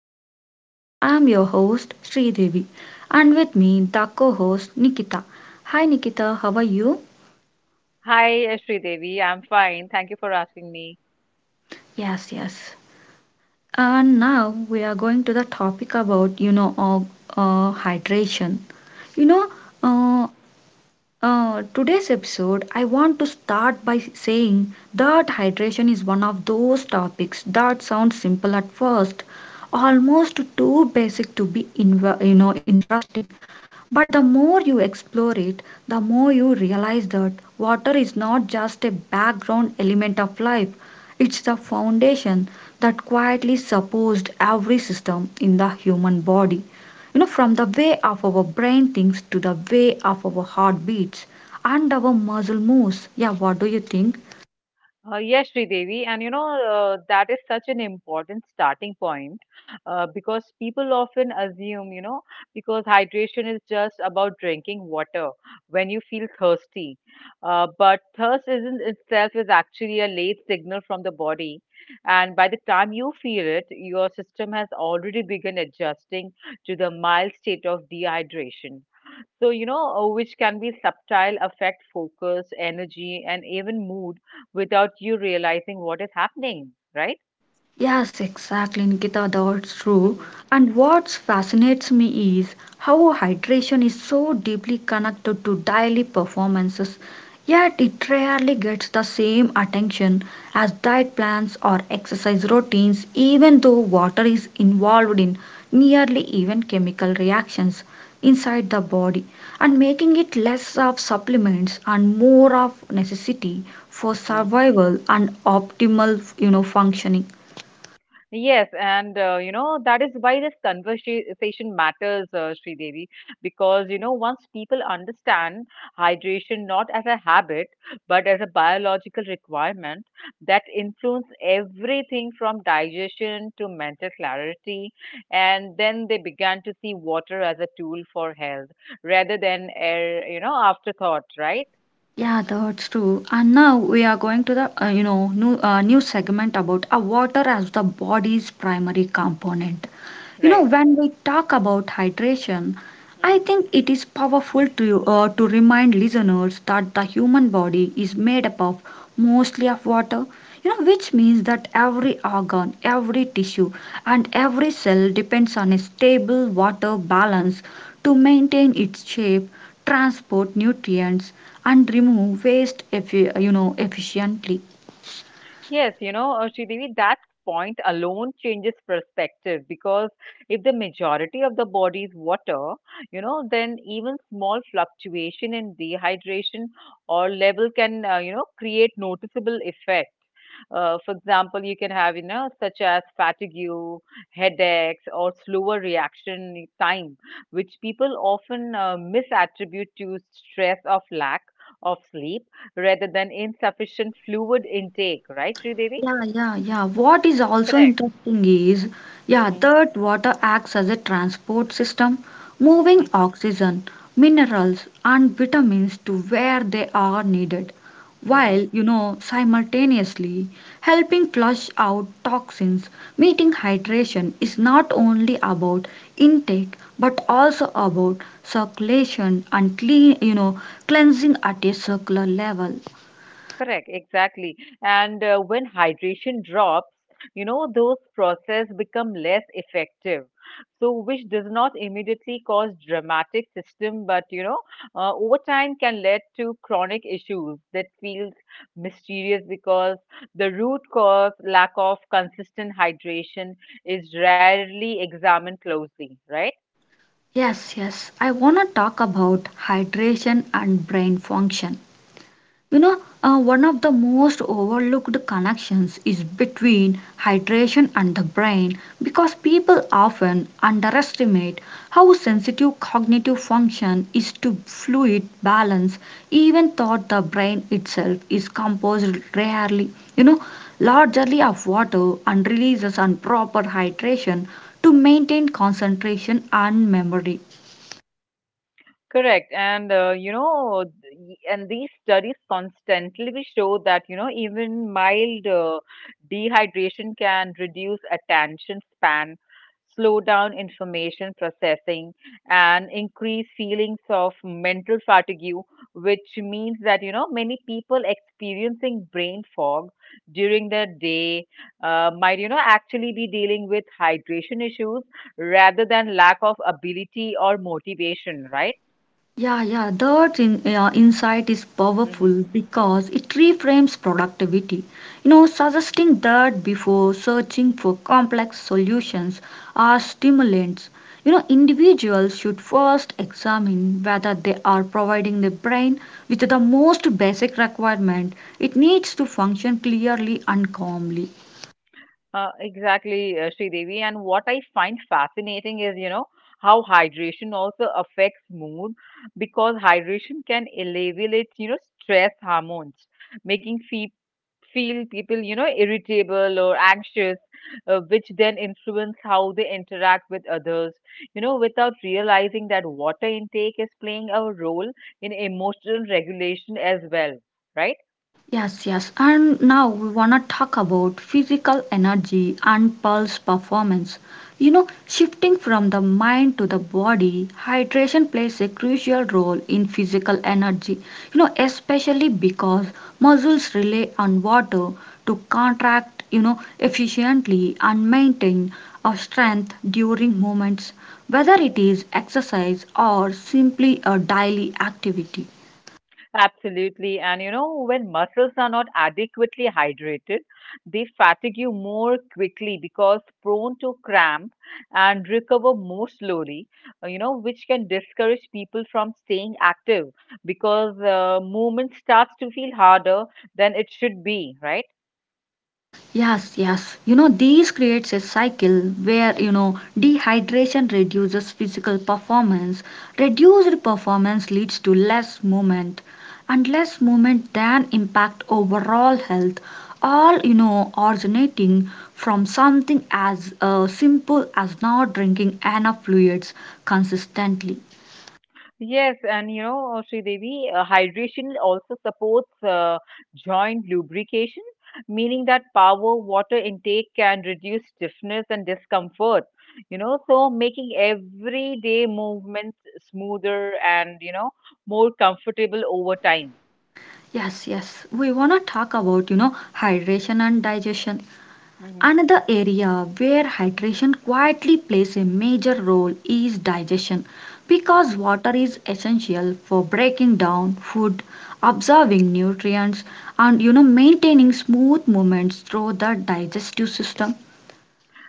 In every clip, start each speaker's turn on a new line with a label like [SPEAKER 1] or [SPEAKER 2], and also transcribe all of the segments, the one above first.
[SPEAKER 1] the podcast. I'm your host Sri Devi and with me the co-host Nikita. Hi Nikita, how are you?
[SPEAKER 2] Hi, Sridevi. I'm fine. Thank you for asking me.
[SPEAKER 1] Yes, yes. And now we are going to the topic about hydration. You know
[SPEAKER 2] Mhm.
[SPEAKER 1] uh, Today's episode, I want to start by saying that hydration is one of those topics that sounds simple at first, almost too basic to be interesting. But the more you explore it, the more you realize that water is not just a background element of life, it's the foundation that quietly supports every system in the human body. You know, from the way of our brain thinks to the way of our heart beats and our muscle moves. Yeah, what do you think?
[SPEAKER 2] Yes, Sridevi, and that is such an important starting point, because people often assume, because hydration is just about drinking water when you feel thirsty. But thirst isn't itself is actually a late signal from the body. And by the time you feel it, your system has already begun adjusting to the mild state of dehydration. So, which can be subtle, affect focus, energy, and even mood without you realizing what is happening, right?
[SPEAKER 1] Yes, exactly, Nikita, that's true.
[SPEAKER 2] Hmm.
[SPEAKER 1] And what fascinates me is how hydration is so deeply connected to daily performances, yet it rarely gets the same attention as diet plans or exercise routines, even though water is involved in nearly even chemical reactions inside the body, and making it less of supplements and more of necessity for survival and optimal functioning.
[SPEAKER 2] Yes, and that is why this conversation matters, Sridevi, because once people understand hydration not as a habit but as a biological requirement that influence everything from digestion to mental clarity, and then they began to see water as a tool for health rather than air, afterthought, right?
[SPEAKER 1] Yeah, that's true. And now we are going to the new segment about a water as the body's primary component. You know,
[SPEAKER 2] Right.
[SPEAKER 1] when we talk about hydration, I
[SPEAKER 2] Mm-hmm.
[SPEAKER 1] think it is powerful to to remind listeners that the human body is made up of mostly of water. You know, which means that every organ, every tissue, and every cell depends on a stable water balance to maintain its shape, transport nutrients, and remove waste efficiently.
[SPEAKER 2] Yes, Sridevi, that point alone changes perspective because if the majority of the body is water, then even small fluctuation in dehydration or level can, create noticeable effect. For example, you can have, such as fatigue, headaches, or slower reaction time, which people often misattribute to stress of lack of sleep rather than insufficient fluid intake, right, Sri Devi?
[SPEAKER 1] Yeah, yeah, yeah. What is also
[SPEAKER 2] Correct.
[SPEAKER 1] interesting is, yeah,
[SPEAKER 2] Hmm.
[SPEAKER 1] that water acts as a transport system, moving oxygen, minerals, and vitamins to where they are needed,
[SPEAKER 2] Hmm.
[SPEAKER 1] while, you know, simultaneously helping flush out toxins. Meeting hydration is not only about intake but also about circulation and cleansing at a circular level.
[SPEAKER 2] Correct, exactly. And when hydration drops, those processes become less effective. So, which does not immediately cause dramatic system, but over time can lead to chronic issues that feels mysterious because the root cause, lack of consistent hydration, is rarely examined closely, right?
[SPEAKER 1] Yes, yes. I want to talk about hydration and brain function. One of the most overlooked connections is between hydration and the brain, because people often underestimate how sensitive cognitive function is to fluid balance, even though the brain itself is composed rarely, you know, largely of water and releases on proper hydration to maintain concentration and memory.
[SPEAKER 2] Correct. And, you know, th- and these studies constantly show that, even mild dehydration can reduce attention span, slow down information processing, and increase feelings of mental fatigue, which means that, many people experiencing brain fog during the day might, actually be dealing with hydration issues rather than lack of ability or motivation, right?
[SPEAKER 1] Yeah, yeah, that insight is
[SPEAKER 2] Mhm.
[SPEAKER 1] powerful because it reframes productivity. You know, suggesting that before searching for complex solutions or stimulants, you know, individuals should first examine whether they are providing the brain with the most basic requirement it needs to function clearly and calmly.
[SPEAKER 2] Exactly, Sridevi. And what I find fascinating is, how hydration also affects mood because hydration can alleviate, stress hormones, making fe feel people, irritable or anxious, which then influence how they interact with others, without realizing that water intake is playing a role in emotional regulation as well, right?
[SPEAKER 1] Yes, yes. And now we want to talk about physical energy and pulse performance. You know, shifting from the mind to the body, hydration plays a crucial role in physical energy. You know, especially because muscles rely on water to contract, you know, efficiently and maintain our strength during movements, whether it is exercise or simply a daily activity.
[SPEAKER 2] Absolutely. And when muscles are not adequately hydrated, they fatigue you more quickly because prone to cramp and recover more slowly, which can discourage people from staying active because movement starts to feel harder than it should be, right?
[SPEAKER 1] Yes, yes. You know, this creates a cycle where, you know, dehydration reduces physical performance. Reduced performance leads to less movement, and less movement then impact overall health. All, you know, originating from something as simple as not drinking enough fluids consistently.
[SPEAKER 2] Yes, and Sridevi, hydration also supports joint lubrication, meaning that power water intake can reduce stiffness and discomfort, so making everyday movements smoother and, more comfortable over time.
[SPEAKER 1] Yes, yes. We want to talk about, you know, hydration and digestion.
[SPEAKER 2] Hmm.
[SPEAKER 1] Another area where hydration quietly plays a major role is digestion, because water is essential for breaking down food, absorbing nutrients, and maintaining smooth movements through the digestive system.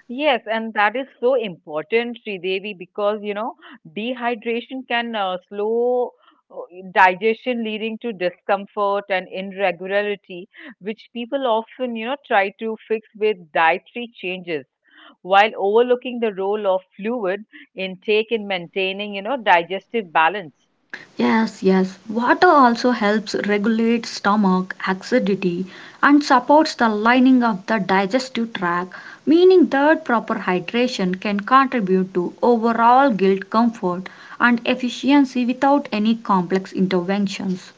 [SPEAKER 2] Yes, and that is so important, Sridevi, because dehydration can slow uh, digestion, leading to discomfort and irregularity, which people often try to fix with dietary changes, while overlooking the role of fluid intake in maintaining digestive balance.
[SPEAKER 1] Yes, yes. Water also helps regulate stomach acidity and supports the lining of the digestive tract, meaning that proper hydration can contribute to overall gut comfort and efficiency without any complex interventions.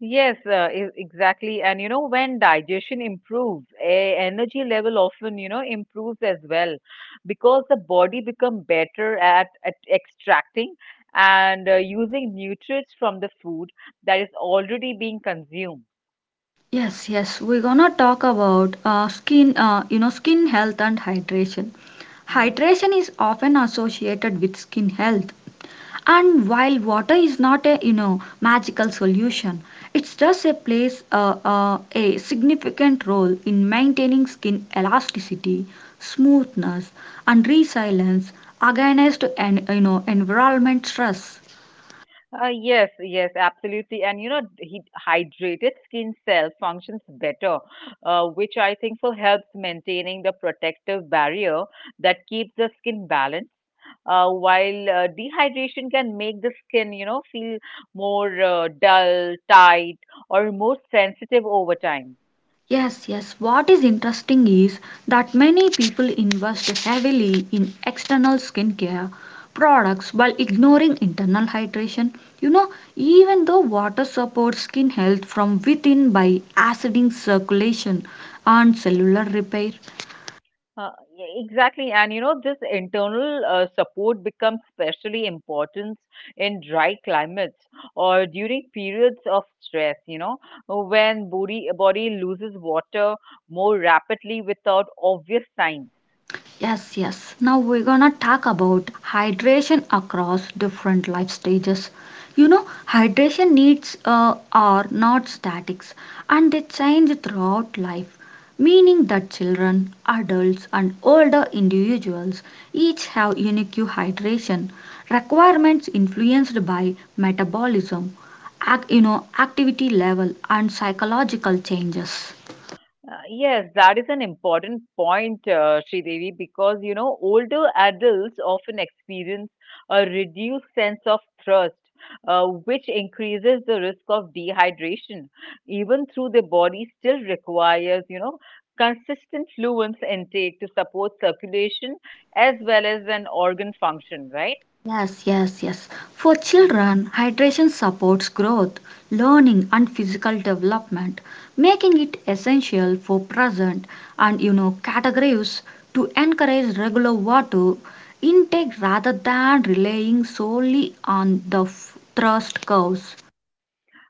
[SPEAKER 2] Yes, exactly. And when digestion improves, energy level often, improves as well because the body become better at extracting and using nutrients from the food that is already being consumed.
[SPEAKER 1] Yes, yes. We're gonna talk about skin health and hydration.
[SPEAKER 2] Mm-hmm.
[SPEAKER 1] Hydration is often associated with skin health, and while water is not a magical solution, it does a plays a significant role in maintaining skin elasticity, smoothness, and resilience against an, environment stress.
[SPEAKER 2] Yes, yes, absolutely. And hydrated skin cell functions better, which I think will helps maintaining the protective barrier that keeps the skin balanced. While dehydration can make the skin, feel more dull, tight, or more sensitive over time.
[SPEAKER 1] Yes, yes. What is interesting is that many people invest heavily in external skincare products while ignoring internal hydration. You know, even though water supports skin health from within by aciding circulation and cellular repair.
[SPEAKER 2] Uh, exactly, and this internal support becomes especially important in dry climates or during periods of stress. When body loses water more rapidly without obvious signs.
[SPEAKER 1] Yes, yes. Now we're gonna talk about hydration across different life stages. You know, hydration needs are not statics and they change throughout life, meaning that children, adults, and older individuals each have unique hydration requirements influenced by metabolism, activity level, and psychological changes.
[SPEAKER 2] Yes, that is an important point, Sridevi, because older adults often experience a reduced sense of thirst, which increases the risk of dehydration, even though the body still requires consistent fluids intake to support circulation as well as an organ function, right?
[SPEAKER 1] Yes, yes, yes. For
[SPEAKER 2] Mm-hmm.
[SPEAKER 1] children, hydration supports growth, learning, and physical development, making it essential for present and categories to encourage regular water intake rather than relying solely on the thirst curves.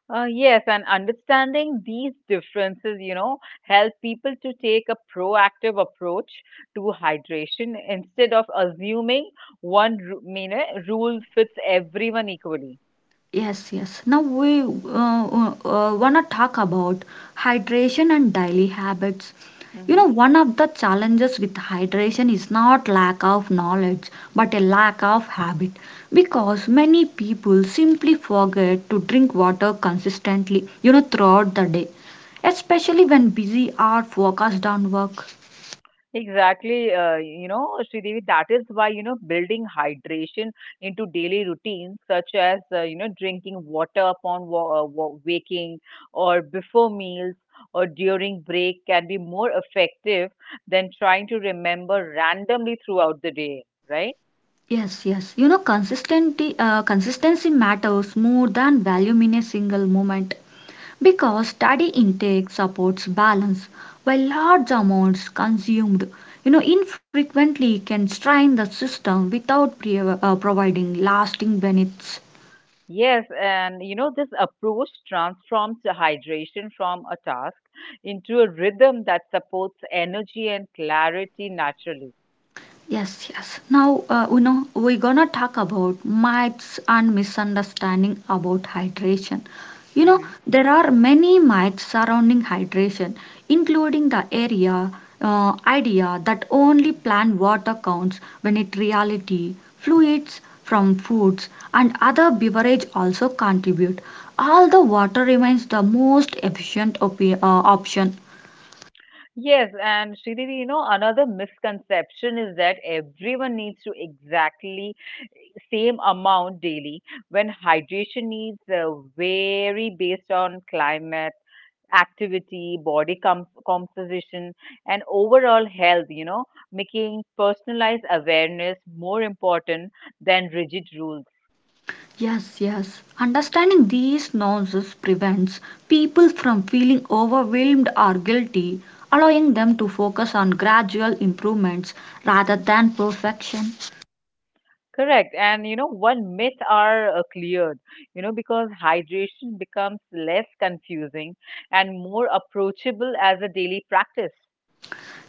[SPEAKER 2] Yes, and understanding these differences, help people to take a proactive approach to hydration instead of assuming one rule fits everyone equally.
[SPEAKER 1] Yes, yes. Now we want to talk about hydration and daily habits. You know,
[SPEAKER 2] Mm-hmm.
[SPEAKER 1] one of the challenges with hydration is not lack of knowledge, but a lack of habit, because many people simply forget to drink water consistently, you know, throughout the day, especially when busy or focused on work.
[SPEAKER 2] Exactly, Sridevi, that is why, building hydration into daily routines, such as, drinking water upon waking or before meals or during break can be more effective than trying to remember randomly throughout the day, right?
[SPEAKER 1] Yes, yes. You know, consistency matters more than volume in a single moment, because steady
[SPEAKER 2] Mhm.
[SPEAKER 1] intake supports balance, while large amounts consumed, you know, infrequently can strain the system without providing lasting benefits.
[SPEAKER 2] Yes, and this approach transforms the hydration from a task into a rhythm that supports energy and clarity naturally.
[SPEAKER 1] Yes, yes. Now, you know, we're gonna talk about myths and misunderstanding about hydration. You know,
[SPEAKER 2] Hmm.
[SPEAKER 1] there are many myths surrounding hydration, including the area idea that only plant water counts, when in reality fluids from foods and other beverage also contribute. All the water remains the most efficient option.
[SPEAKER 2] Yes, and Sridhar, another misconception is that everyone needs to exactly same amount daily when hydration needs vary based on climate, activity, body composition, and overall health, making personalized awareness more important than rigid rules.
[SPEAKER 1] Yes, yes. Understanding these nuances prevents people from feeling overwhelmed or guilty, allowing them to focus on gradual improvements rather than perfection.
[SPEAKER 2] Correct. And one myth are cleared, because hydration becomes less confusing and more approachable as a daily practice.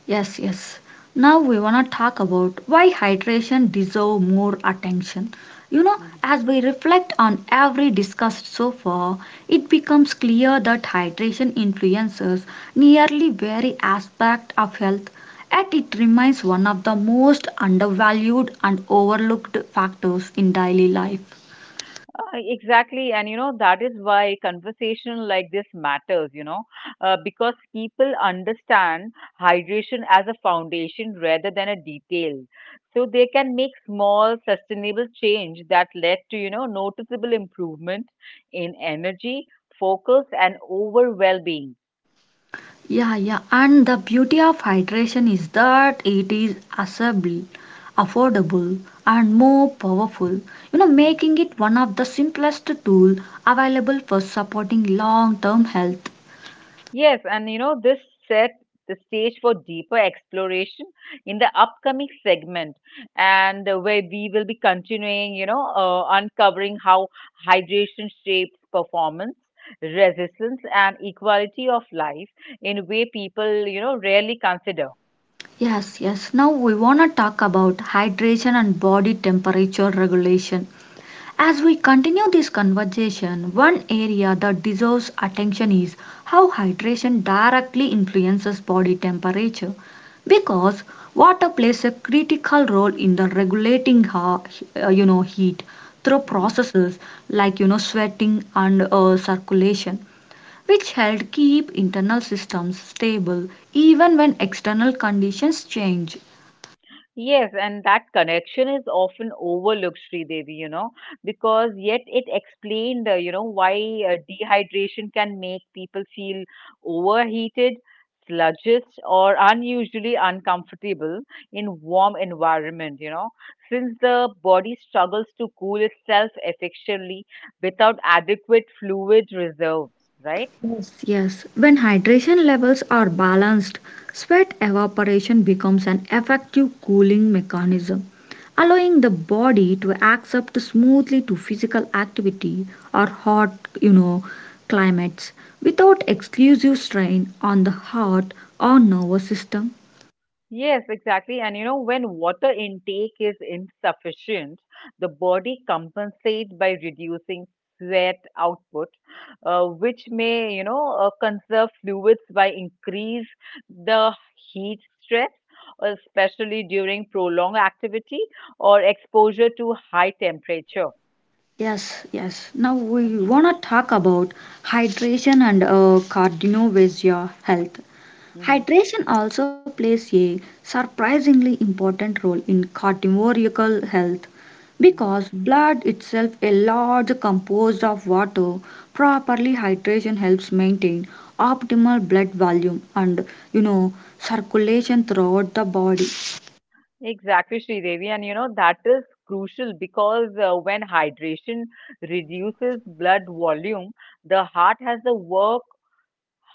[SPEAKER 1] Yes, yes. Now we want to talk about why hydration deserve more attention. You know,
[SPEAKER 2] Hmm.
[SPEAKER 1] as we reflect on every discussed so far, it becomes clear that hydration influences nearly every aspect of health, yet it remains one of the most undervalued and overlooked factors in daily life.
[SPEAKER 2] Exactly. And that is why conversation like this matters, because people understand hydration as a foundation rather than a detail. So they can make small, sustainable change that led to, noticeable improvement in energy, focus, and overall well being.
[SPEAKER 1] Yeah, yeah, and the beauty of hydration is that it is accessible, affordable, and more powerful. You know,
[SPEAKER 2] Mhm.
[SPEAKER 1] making it one of the simplest tool available for supporting long-term health.
[SPEAKER 2] Yes, and this set the stage for deeper exploration in the upcoming segment, and where we will be continuing, uncovering how hydration shapes performance, resistance, and equality of life in a way people, rarely consider.
[SPEAKER 1] Yes, yes. Now we wanna talk about hydration and body temperature regulation. As we continue this conversation, one area that deserves attention is how hydration directly influences body temperature, because water plays a critical role in the regulating heat through
[SPEAKER 2] Mhm.
[SPEAKER 1] processes like sweating and circulation, which help keep internal systems stable even when external conditions change.
[SPEAKER 2] Yes, and that connection is often overlooked, Sridevi, because yet it explained, why dehydration can make people feel overheated, sluggish, or unusually uncomfortable in warm environment, since the body struggles to cool itself efficiently without adequate fluid reserves, right?
[SPEAKER 1] Yes, yes. When hydration levels are balanced, sweat evaporation becomes an effective cooling mechanism, allowing the body to accept smoothly to physical activity or hot, you know, climates without exclusive strain on the heart or nervous system.
[SPEAKER 2] Yes, exactly. And when water intake is insufficient, the body compensates by reducing sweat output, which may, conserve fluids by increase the heat stress, especially during prolonged activity or exposure to high temperature.
[SPEAKER 1] Yes, yes. Now we
[SPEAKER 2] Hmm.
[SPEAKER 1] want to talk about hydration and cardiovascular health.
[SPEAKER 2] Hmm.
[SPEAKER 1] Hydration also plays a surprisingly important role in cardiovascular health, because blood itself a large composed of water, properly hydration helps maintain optimal blood volume and, you know, circulation throughout the body.
[SPEAKER 2] Exactly, Sridevi. And that is crucial because when hydration reduces blood volume, the heart has to work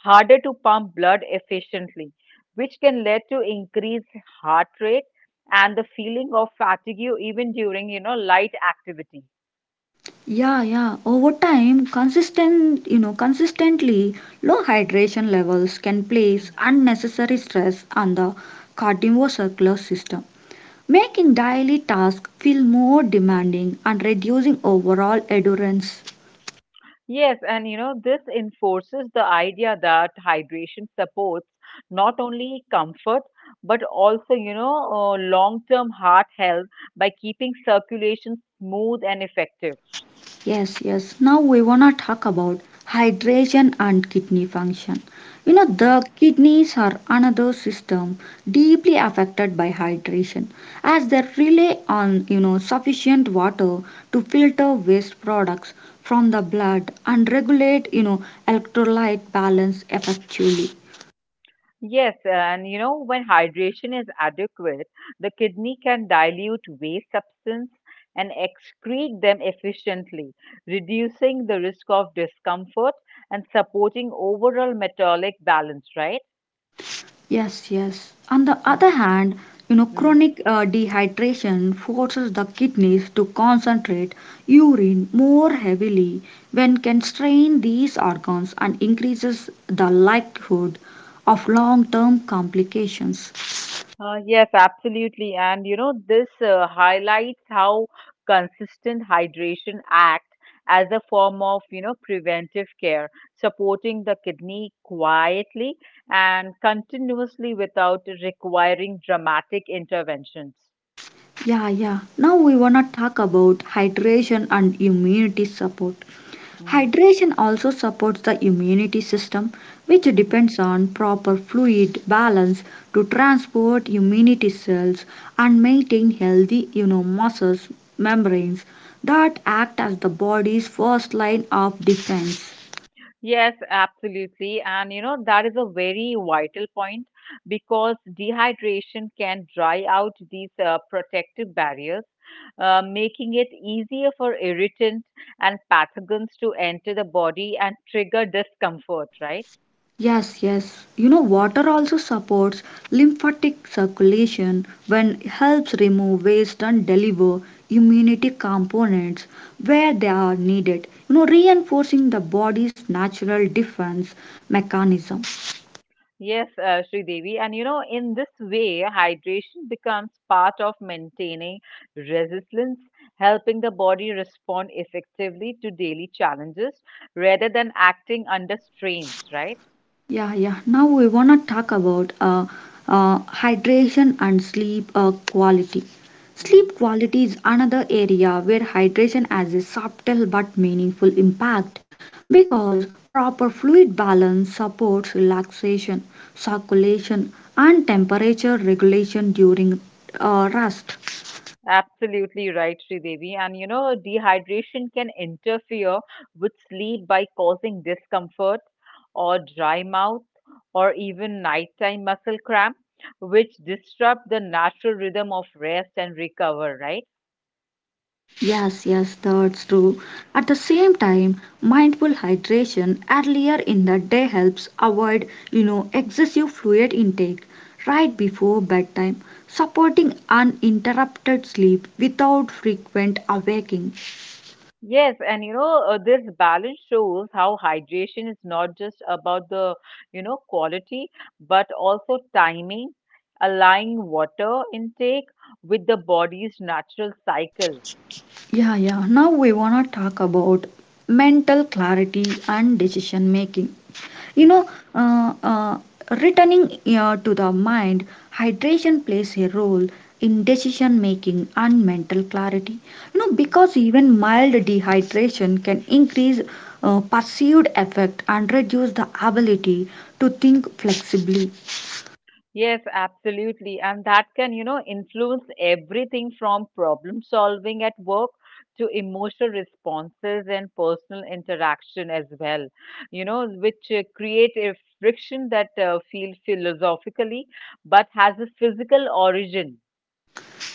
[SPEAKER 2] harder to pump blood efficiently, which can lead to increased heart rate and the feeling of fatigue even during, light activity.
[SPEAKER 1] Yeah, yeah, over time consistent, consistently low hydration levels can place
[SPEAKER 2] Mm-hmm.
[SPEAKER 1] unnecessary stress on the cardiovascular system, making daily tasks feel more demanding and reducing overall endurance.
[SPEAKER 2] Yes, and this enforces the idea that hydration supports not only comfort but also, long-term heart health by keeping circulation smooth and effective.
[SPEAKER 1] Yes, yes. Now we wanna talk about hydration and kidney function. You know,
[SPEAKER 2] Hmm.
[SPEAKER 1] the kidneys are another system deeply affected by hydration, as they rely on, you know, sufficient water to filter waste products from the blood and regulate, you know, electrolyte balance effectively.
[SPEAKER 2] Yes, and when hydration is adequate, the kidney can dilute waste substance and excrete them efficiently, reducing the risk of discomfort and supporting overall metabolic balance, right?
[SPEAKER 1] Yes, yes. On the other
[SPEAKER 2] Hmm.
[SPEAKER 1] hand, you know, chronic dehydration forces the kidneys to concentrate urine more heavily, when can strain these organs and increases the likelihood of long-term complications.
[SPEAKER 2] Yes, absolutely. And this highlights how consistent hydration act as a form of, preventive care, supporting the kidney quietly and continuously without requiring dramatic interventions.
[SPEAKER 1] Yeah, yeah. Now we wanna talk about hydration and immunity support.
[SPEAKER 2] Mhm,
[SPEAKER 1] Hydration also supports the immunity system, which
[SPEAKER 2] mhm.
[SPEAKER 1] depends on proper fluid balance to transport immunity cells and maintain healthy, you know, muscles membranes that act as the body's first line of defense.
[SPEAKER 2] Yes, absolutely. And that is a very vital point because dehydration can dry out these protective barriers, making it easier for irritant and pathogens to enter the body and trigger discomfort, right?
[SPEAKER 1] Yes, yes. You know, water also supports lymphatic circulation when it helps remove waste and deliver immunity components where they are needed. You know, reinforcing the body's natural defense mechanism.
[SPEAKER 2] Yes, Devi, and in this way, hydration becomes part of maintaining resilience, helping the body respond effectively to daily challenges rather than acting under strains, right?
[SPEAKER 1] Yeah, yeah. Now we wanna talk about hydration and sleep quality.
[SPEAKER 2] Hmm.
[SPEAKER 1] Sleep quality is another area where hydration has a subtle but meaningful impact, because proper fluid balance supports relaxation, circulation, and temperature regulation during rest.
[SPEAKER 2] Absolutely right, Devi. And dehydration can interfere with sleep by causing discomfort or dry mouth or even nighttime muscle cramp, which disrupt the natural rhythm of rest and recover, right?
[SPEAKER 1] Yes, yes, that's
[SPEAKER 2] Mhm.
[SPEAKER 1] true. At the same time, mindful hydration earlier in the day helps avoid, you know, excessive fluid intake right before bedtime, supporting uninterrupted sleep without frequent awaking.
[SPEAKER 2] Yes, and this balance shows how hydration is not just about the, quality, but also timing, aligning water intake with the body's natural cycle.
[SPEAKER 1] Yeah, yeah. Now we wanna talk about mental clarity and decision making. You know, uh, uh, returning to the mind, hydration plays a role in decision making and mental clarity. You know,
[SPEAKER 2] Mhm.
[SPEAKER 1] because even mild dehydration can increase perceived effect and reduce the ability to think flexibly.
[SPEAKER 2] Yes, absolutely. And that can, influence everything from problem solving at work to emotional responses and personal interaction as well, which create a friction that feels philosophically but has a physical origin.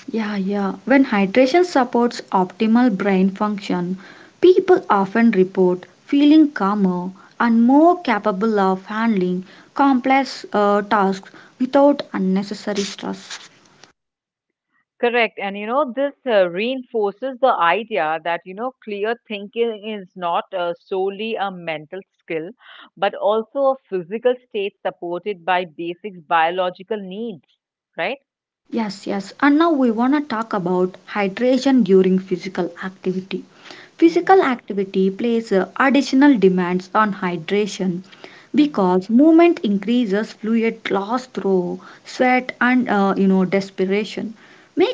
[SPEAKER 1] Yeah, yeah. When hydration supports optimal brain function, people often report feeling calmer and more capable of handling complex tasks without unnecessary stress.
[SPEAKER 2] Correct. And this reinforces the idea that, clear thinking is not solely a mental skill, but also a physical state supported by basic biological needs, right?
[SPEAKER 1] Yes, yes. And now we want to talk about hydration during physical activity.
[SPEAKER 2] Mm-hmm.
[SPEAKER 1] Physical activity places additional demands on hydration
[SPEAKER 2] Mm-hmm.
[SPEAKER 1] because movement increases fluid loss through sweat and you know desperation,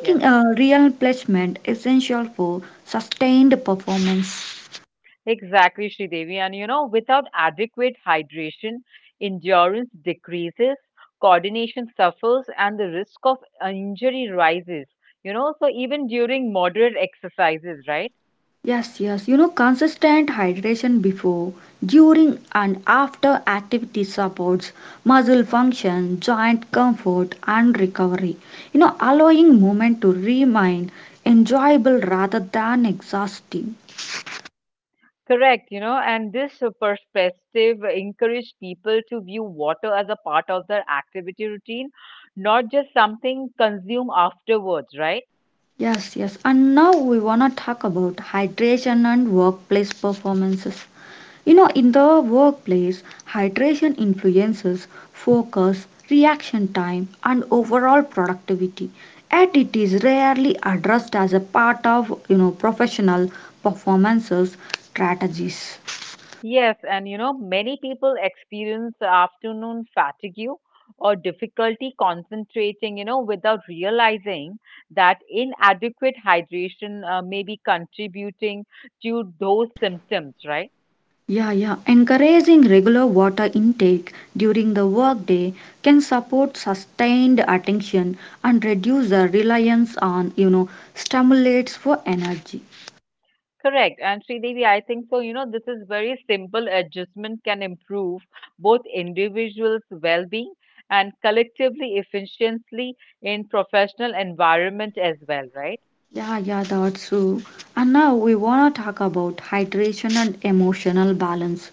[SPEAKER 2] Yes.
[SPEAKER 1] a real replenishment essential for sustained performance.
[SPEAKER 2] Exactly, Sridevi. And without adequate hydration, endurance decreases, coordination suffers, and the risk of injury rises. So even during moderate exercises, right?
[SPEAKER 1] Yes, yes. You know, consistent hydration before, during, and after activity supports muscle function, joint comfort, and recovery. You know, allowing movement to remain enjoyable rather than exhausting.
[SPEAKER 2] Correct, and this perspective encouraged people to view water as a part of their activity routine, not just something consumed afterwards, right?
[SPEAKER 1] Yes, yes. And now we want to talk about hydration and workplace performances. You know, in the workplace, hydration influences focus, reaction time, and overall productivity. Yet it is rarely addressed as a part of you know professional performances strategies.
[SPEAKER 2] Yes, and many people experience afternoon fatigue or difficulty concentrating, without realizing that inadequate hydration may be contributing to those symptoms, right?
[SPEAKER 1] Yeah, yeah. Encouraging regular water intake during the workday can support sustained attention and reduce the reliance on you know stimulates for energy.
[SPEAKER 2] Correct. And Sridevi, I think so. This is very simple adjustment can improve both individuals' well-being and collectively efficiently in professional environment as well, right?
[SPEAKER 1] Yeah, yeah, that's true. And now we want to talk about hydration and emotional balance.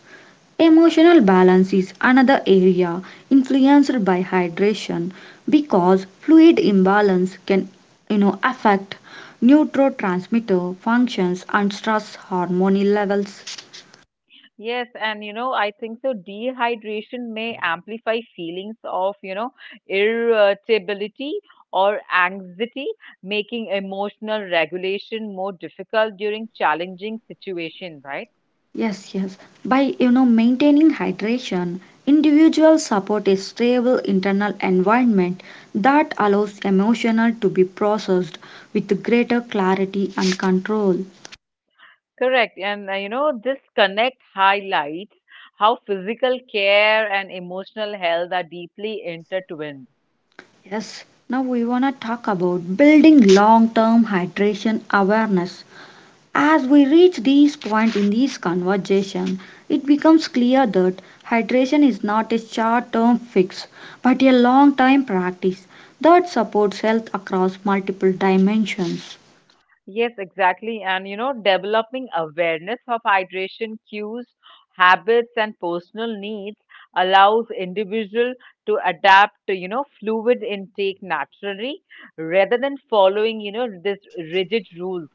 [SPEAKER 1] Emotional balance is another area influenced by hydration because fluid imbalance can, you know, affect neurotransmitter functions and stress hormone levels.
[SPEAKER 2] Yes, and I think so. Dehydration may amplify feelings of, irritability or anxiety, making emotional regulation more difficult during challenging situation, right?
[SPEAKER 1] Yes, yes. By you know maintaining hydration, individuals support a stable internal environment that allows emotional to be processed with greater clarity and control.
[SPEAKER 2] Correct. And this connect highlights how physical care and emotional health are deeply intertwined.
[SPEAKER 1] Yes. Now we wanna talk about building long-term hydration awareness. As we reach this point in this conversation, it becomes clear that hydration is not a short term fix but a long time practice that supports health across multiple dimensions.
[SPEAKER 2] Yes, exactly. And developing awareness of hydration cues, habits, and personal needs allows individual to adapt to, fluid intake naturally rather than following, this rigid rules.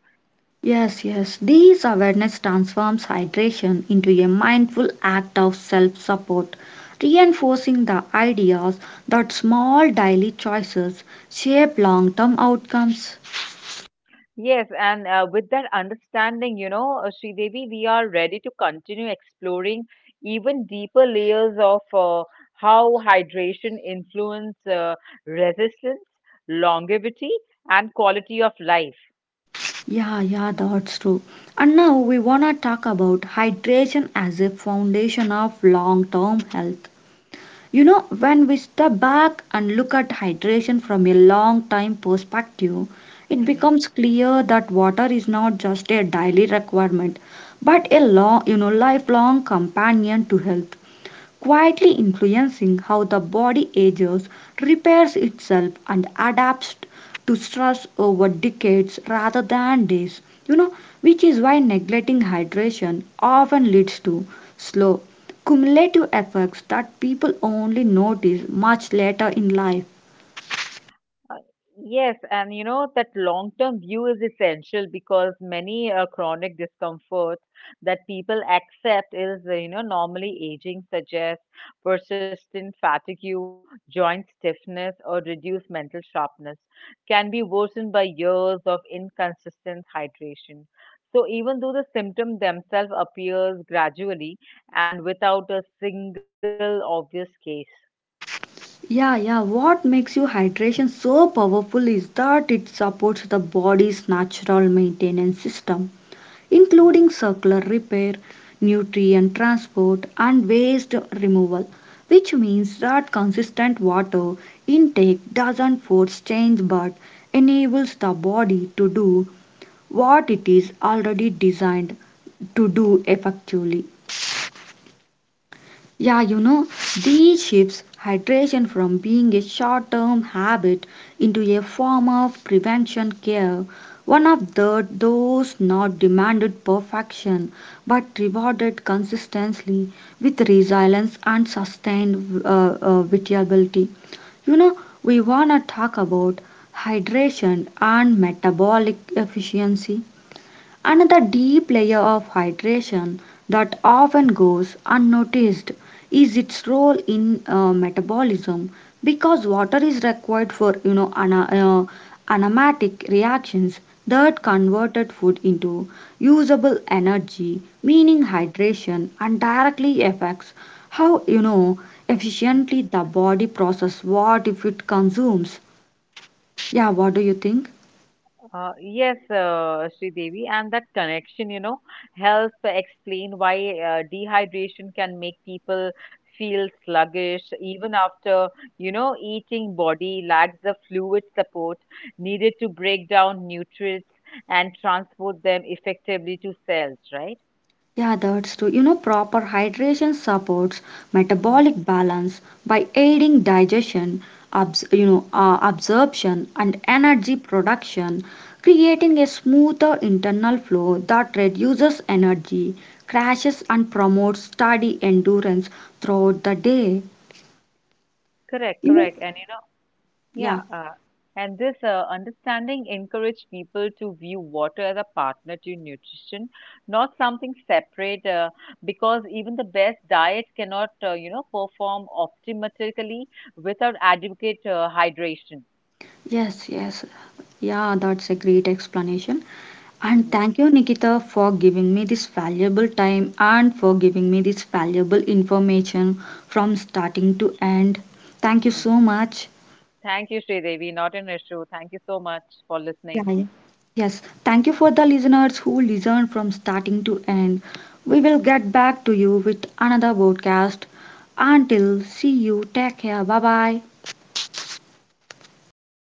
[SPEAKER 1] Yes, yes, this awareness transforms hydration into a mindful act of self support, reinforcing the ideas that small daily choices shape long term outcomes.
[SPEAKER 2] Yes, and with that understanding, Devi, we are ready to continue exploring even deeper layers of how hydration influence resistance, longevity, and quality of life.
[SPEAKER 1] Yeah, yeah, that's true. And now we want to talk about hydration as a foundation of long term health. You know, when we step back and look at hydration from a long time perspective, it
[SPEAKER 2] Mhm.
[SPEAKER 1] becomes clear that water is not just a daily requirement, but a long, you know, lifelong companion to health quietly influencing how the body ages, repairs itself, and adapts to stress over decades rather than days. You know, which is why neglecting hydration often leads to slow, cumulative effects that people only notice much later in life.
[SPEAKER 2] Uh, Yes, and that long-term view is essential because many chronic discomfort that people accept is, normally aging suggests persistent fatigue, joint stiffness, or reduced mental sharpness can be worsened by years of inconsistent hydration. So even though the symptom themselves appears gradually and without a single obvious case.
[SPEAKER 1] Yeah, yeah. What makes you hydration so powerful is that it supports the body's natural maintenance system,
[SPEAKER 2] Mhm,
[SPEAKER 1] including circular repair, nutrient transport, and waste removal, which means that consistent water intake doesn't force change but enables the body to do what it is already designed to do effectively. Yeah, you know, these shifts hydration from being a short term habit into a form of prevention care. One of the those not demanded perfection but rewarded consistently with resilience and sustained vitality. You know, we want to talk about hydration and metabolic efficiency. Another deep layer of hydration that often goes unnoticed is its role in metabolism because water is required for you know anaematic reactions that
[SPEAKER 2] mhm,
[SPEAKER 1] converted food into usable energy, meaning
[SPEAKER 2] mhm.
[SPEAKER 1] hydration and directly affects how you know efficiently the body process what if it consumes. Yeah, what do you think?
[SPEAKER 2] Yes, Devi, and that connection, helps explain why dehydration can make people feel sluggish even after, eating body lacks the fluid support needed to break down nutrients and transport them effectively to cells, right?
[SPEAKER 1] Yeah, that's true. You know, proper hydration supports
[SPEAKER 2] Mm.
[SPEAKER 1] metabolic balance by aiding digestion, absorption and energy production, creating a smoother internal flow that reduces energy crashes and promotes steady endurance throughout the day.
[SPEAKER 2] Correct,
[SPEAKER 1] You know,
[SPEAKER 2] correct. And,
[SPEAKER 1] yeah,
[SPEAKER 2] yeah, and this understanding encouraged people to view water as a partner to nutrition, not something separate, because even the best diet cannot, perform optimally without adequate hydration.
[SPEAKER 1] yes, yes. Yeah, that's a great explanation. And
[SPEAKER 2] Hmm.
[SPEAKER 1] thank you, Nikita, for giving me this valuable time and for giving me this valuable information from starting to end. Thank you
[SPEAKER 2] Hmm.
[SPEAKER 1] so much.
[SPEAKER 2] Thank you, Sridevi, not an issue. Thank you so much for
[SPEAKER 1] Yeah,
[SPEAKER 2] listening.
[SPEAKER 1] yeah. Yes, thank you for the listeners who listened from starting to end. We will get back to you with another broadcast. Until see you, take care. Bye bye.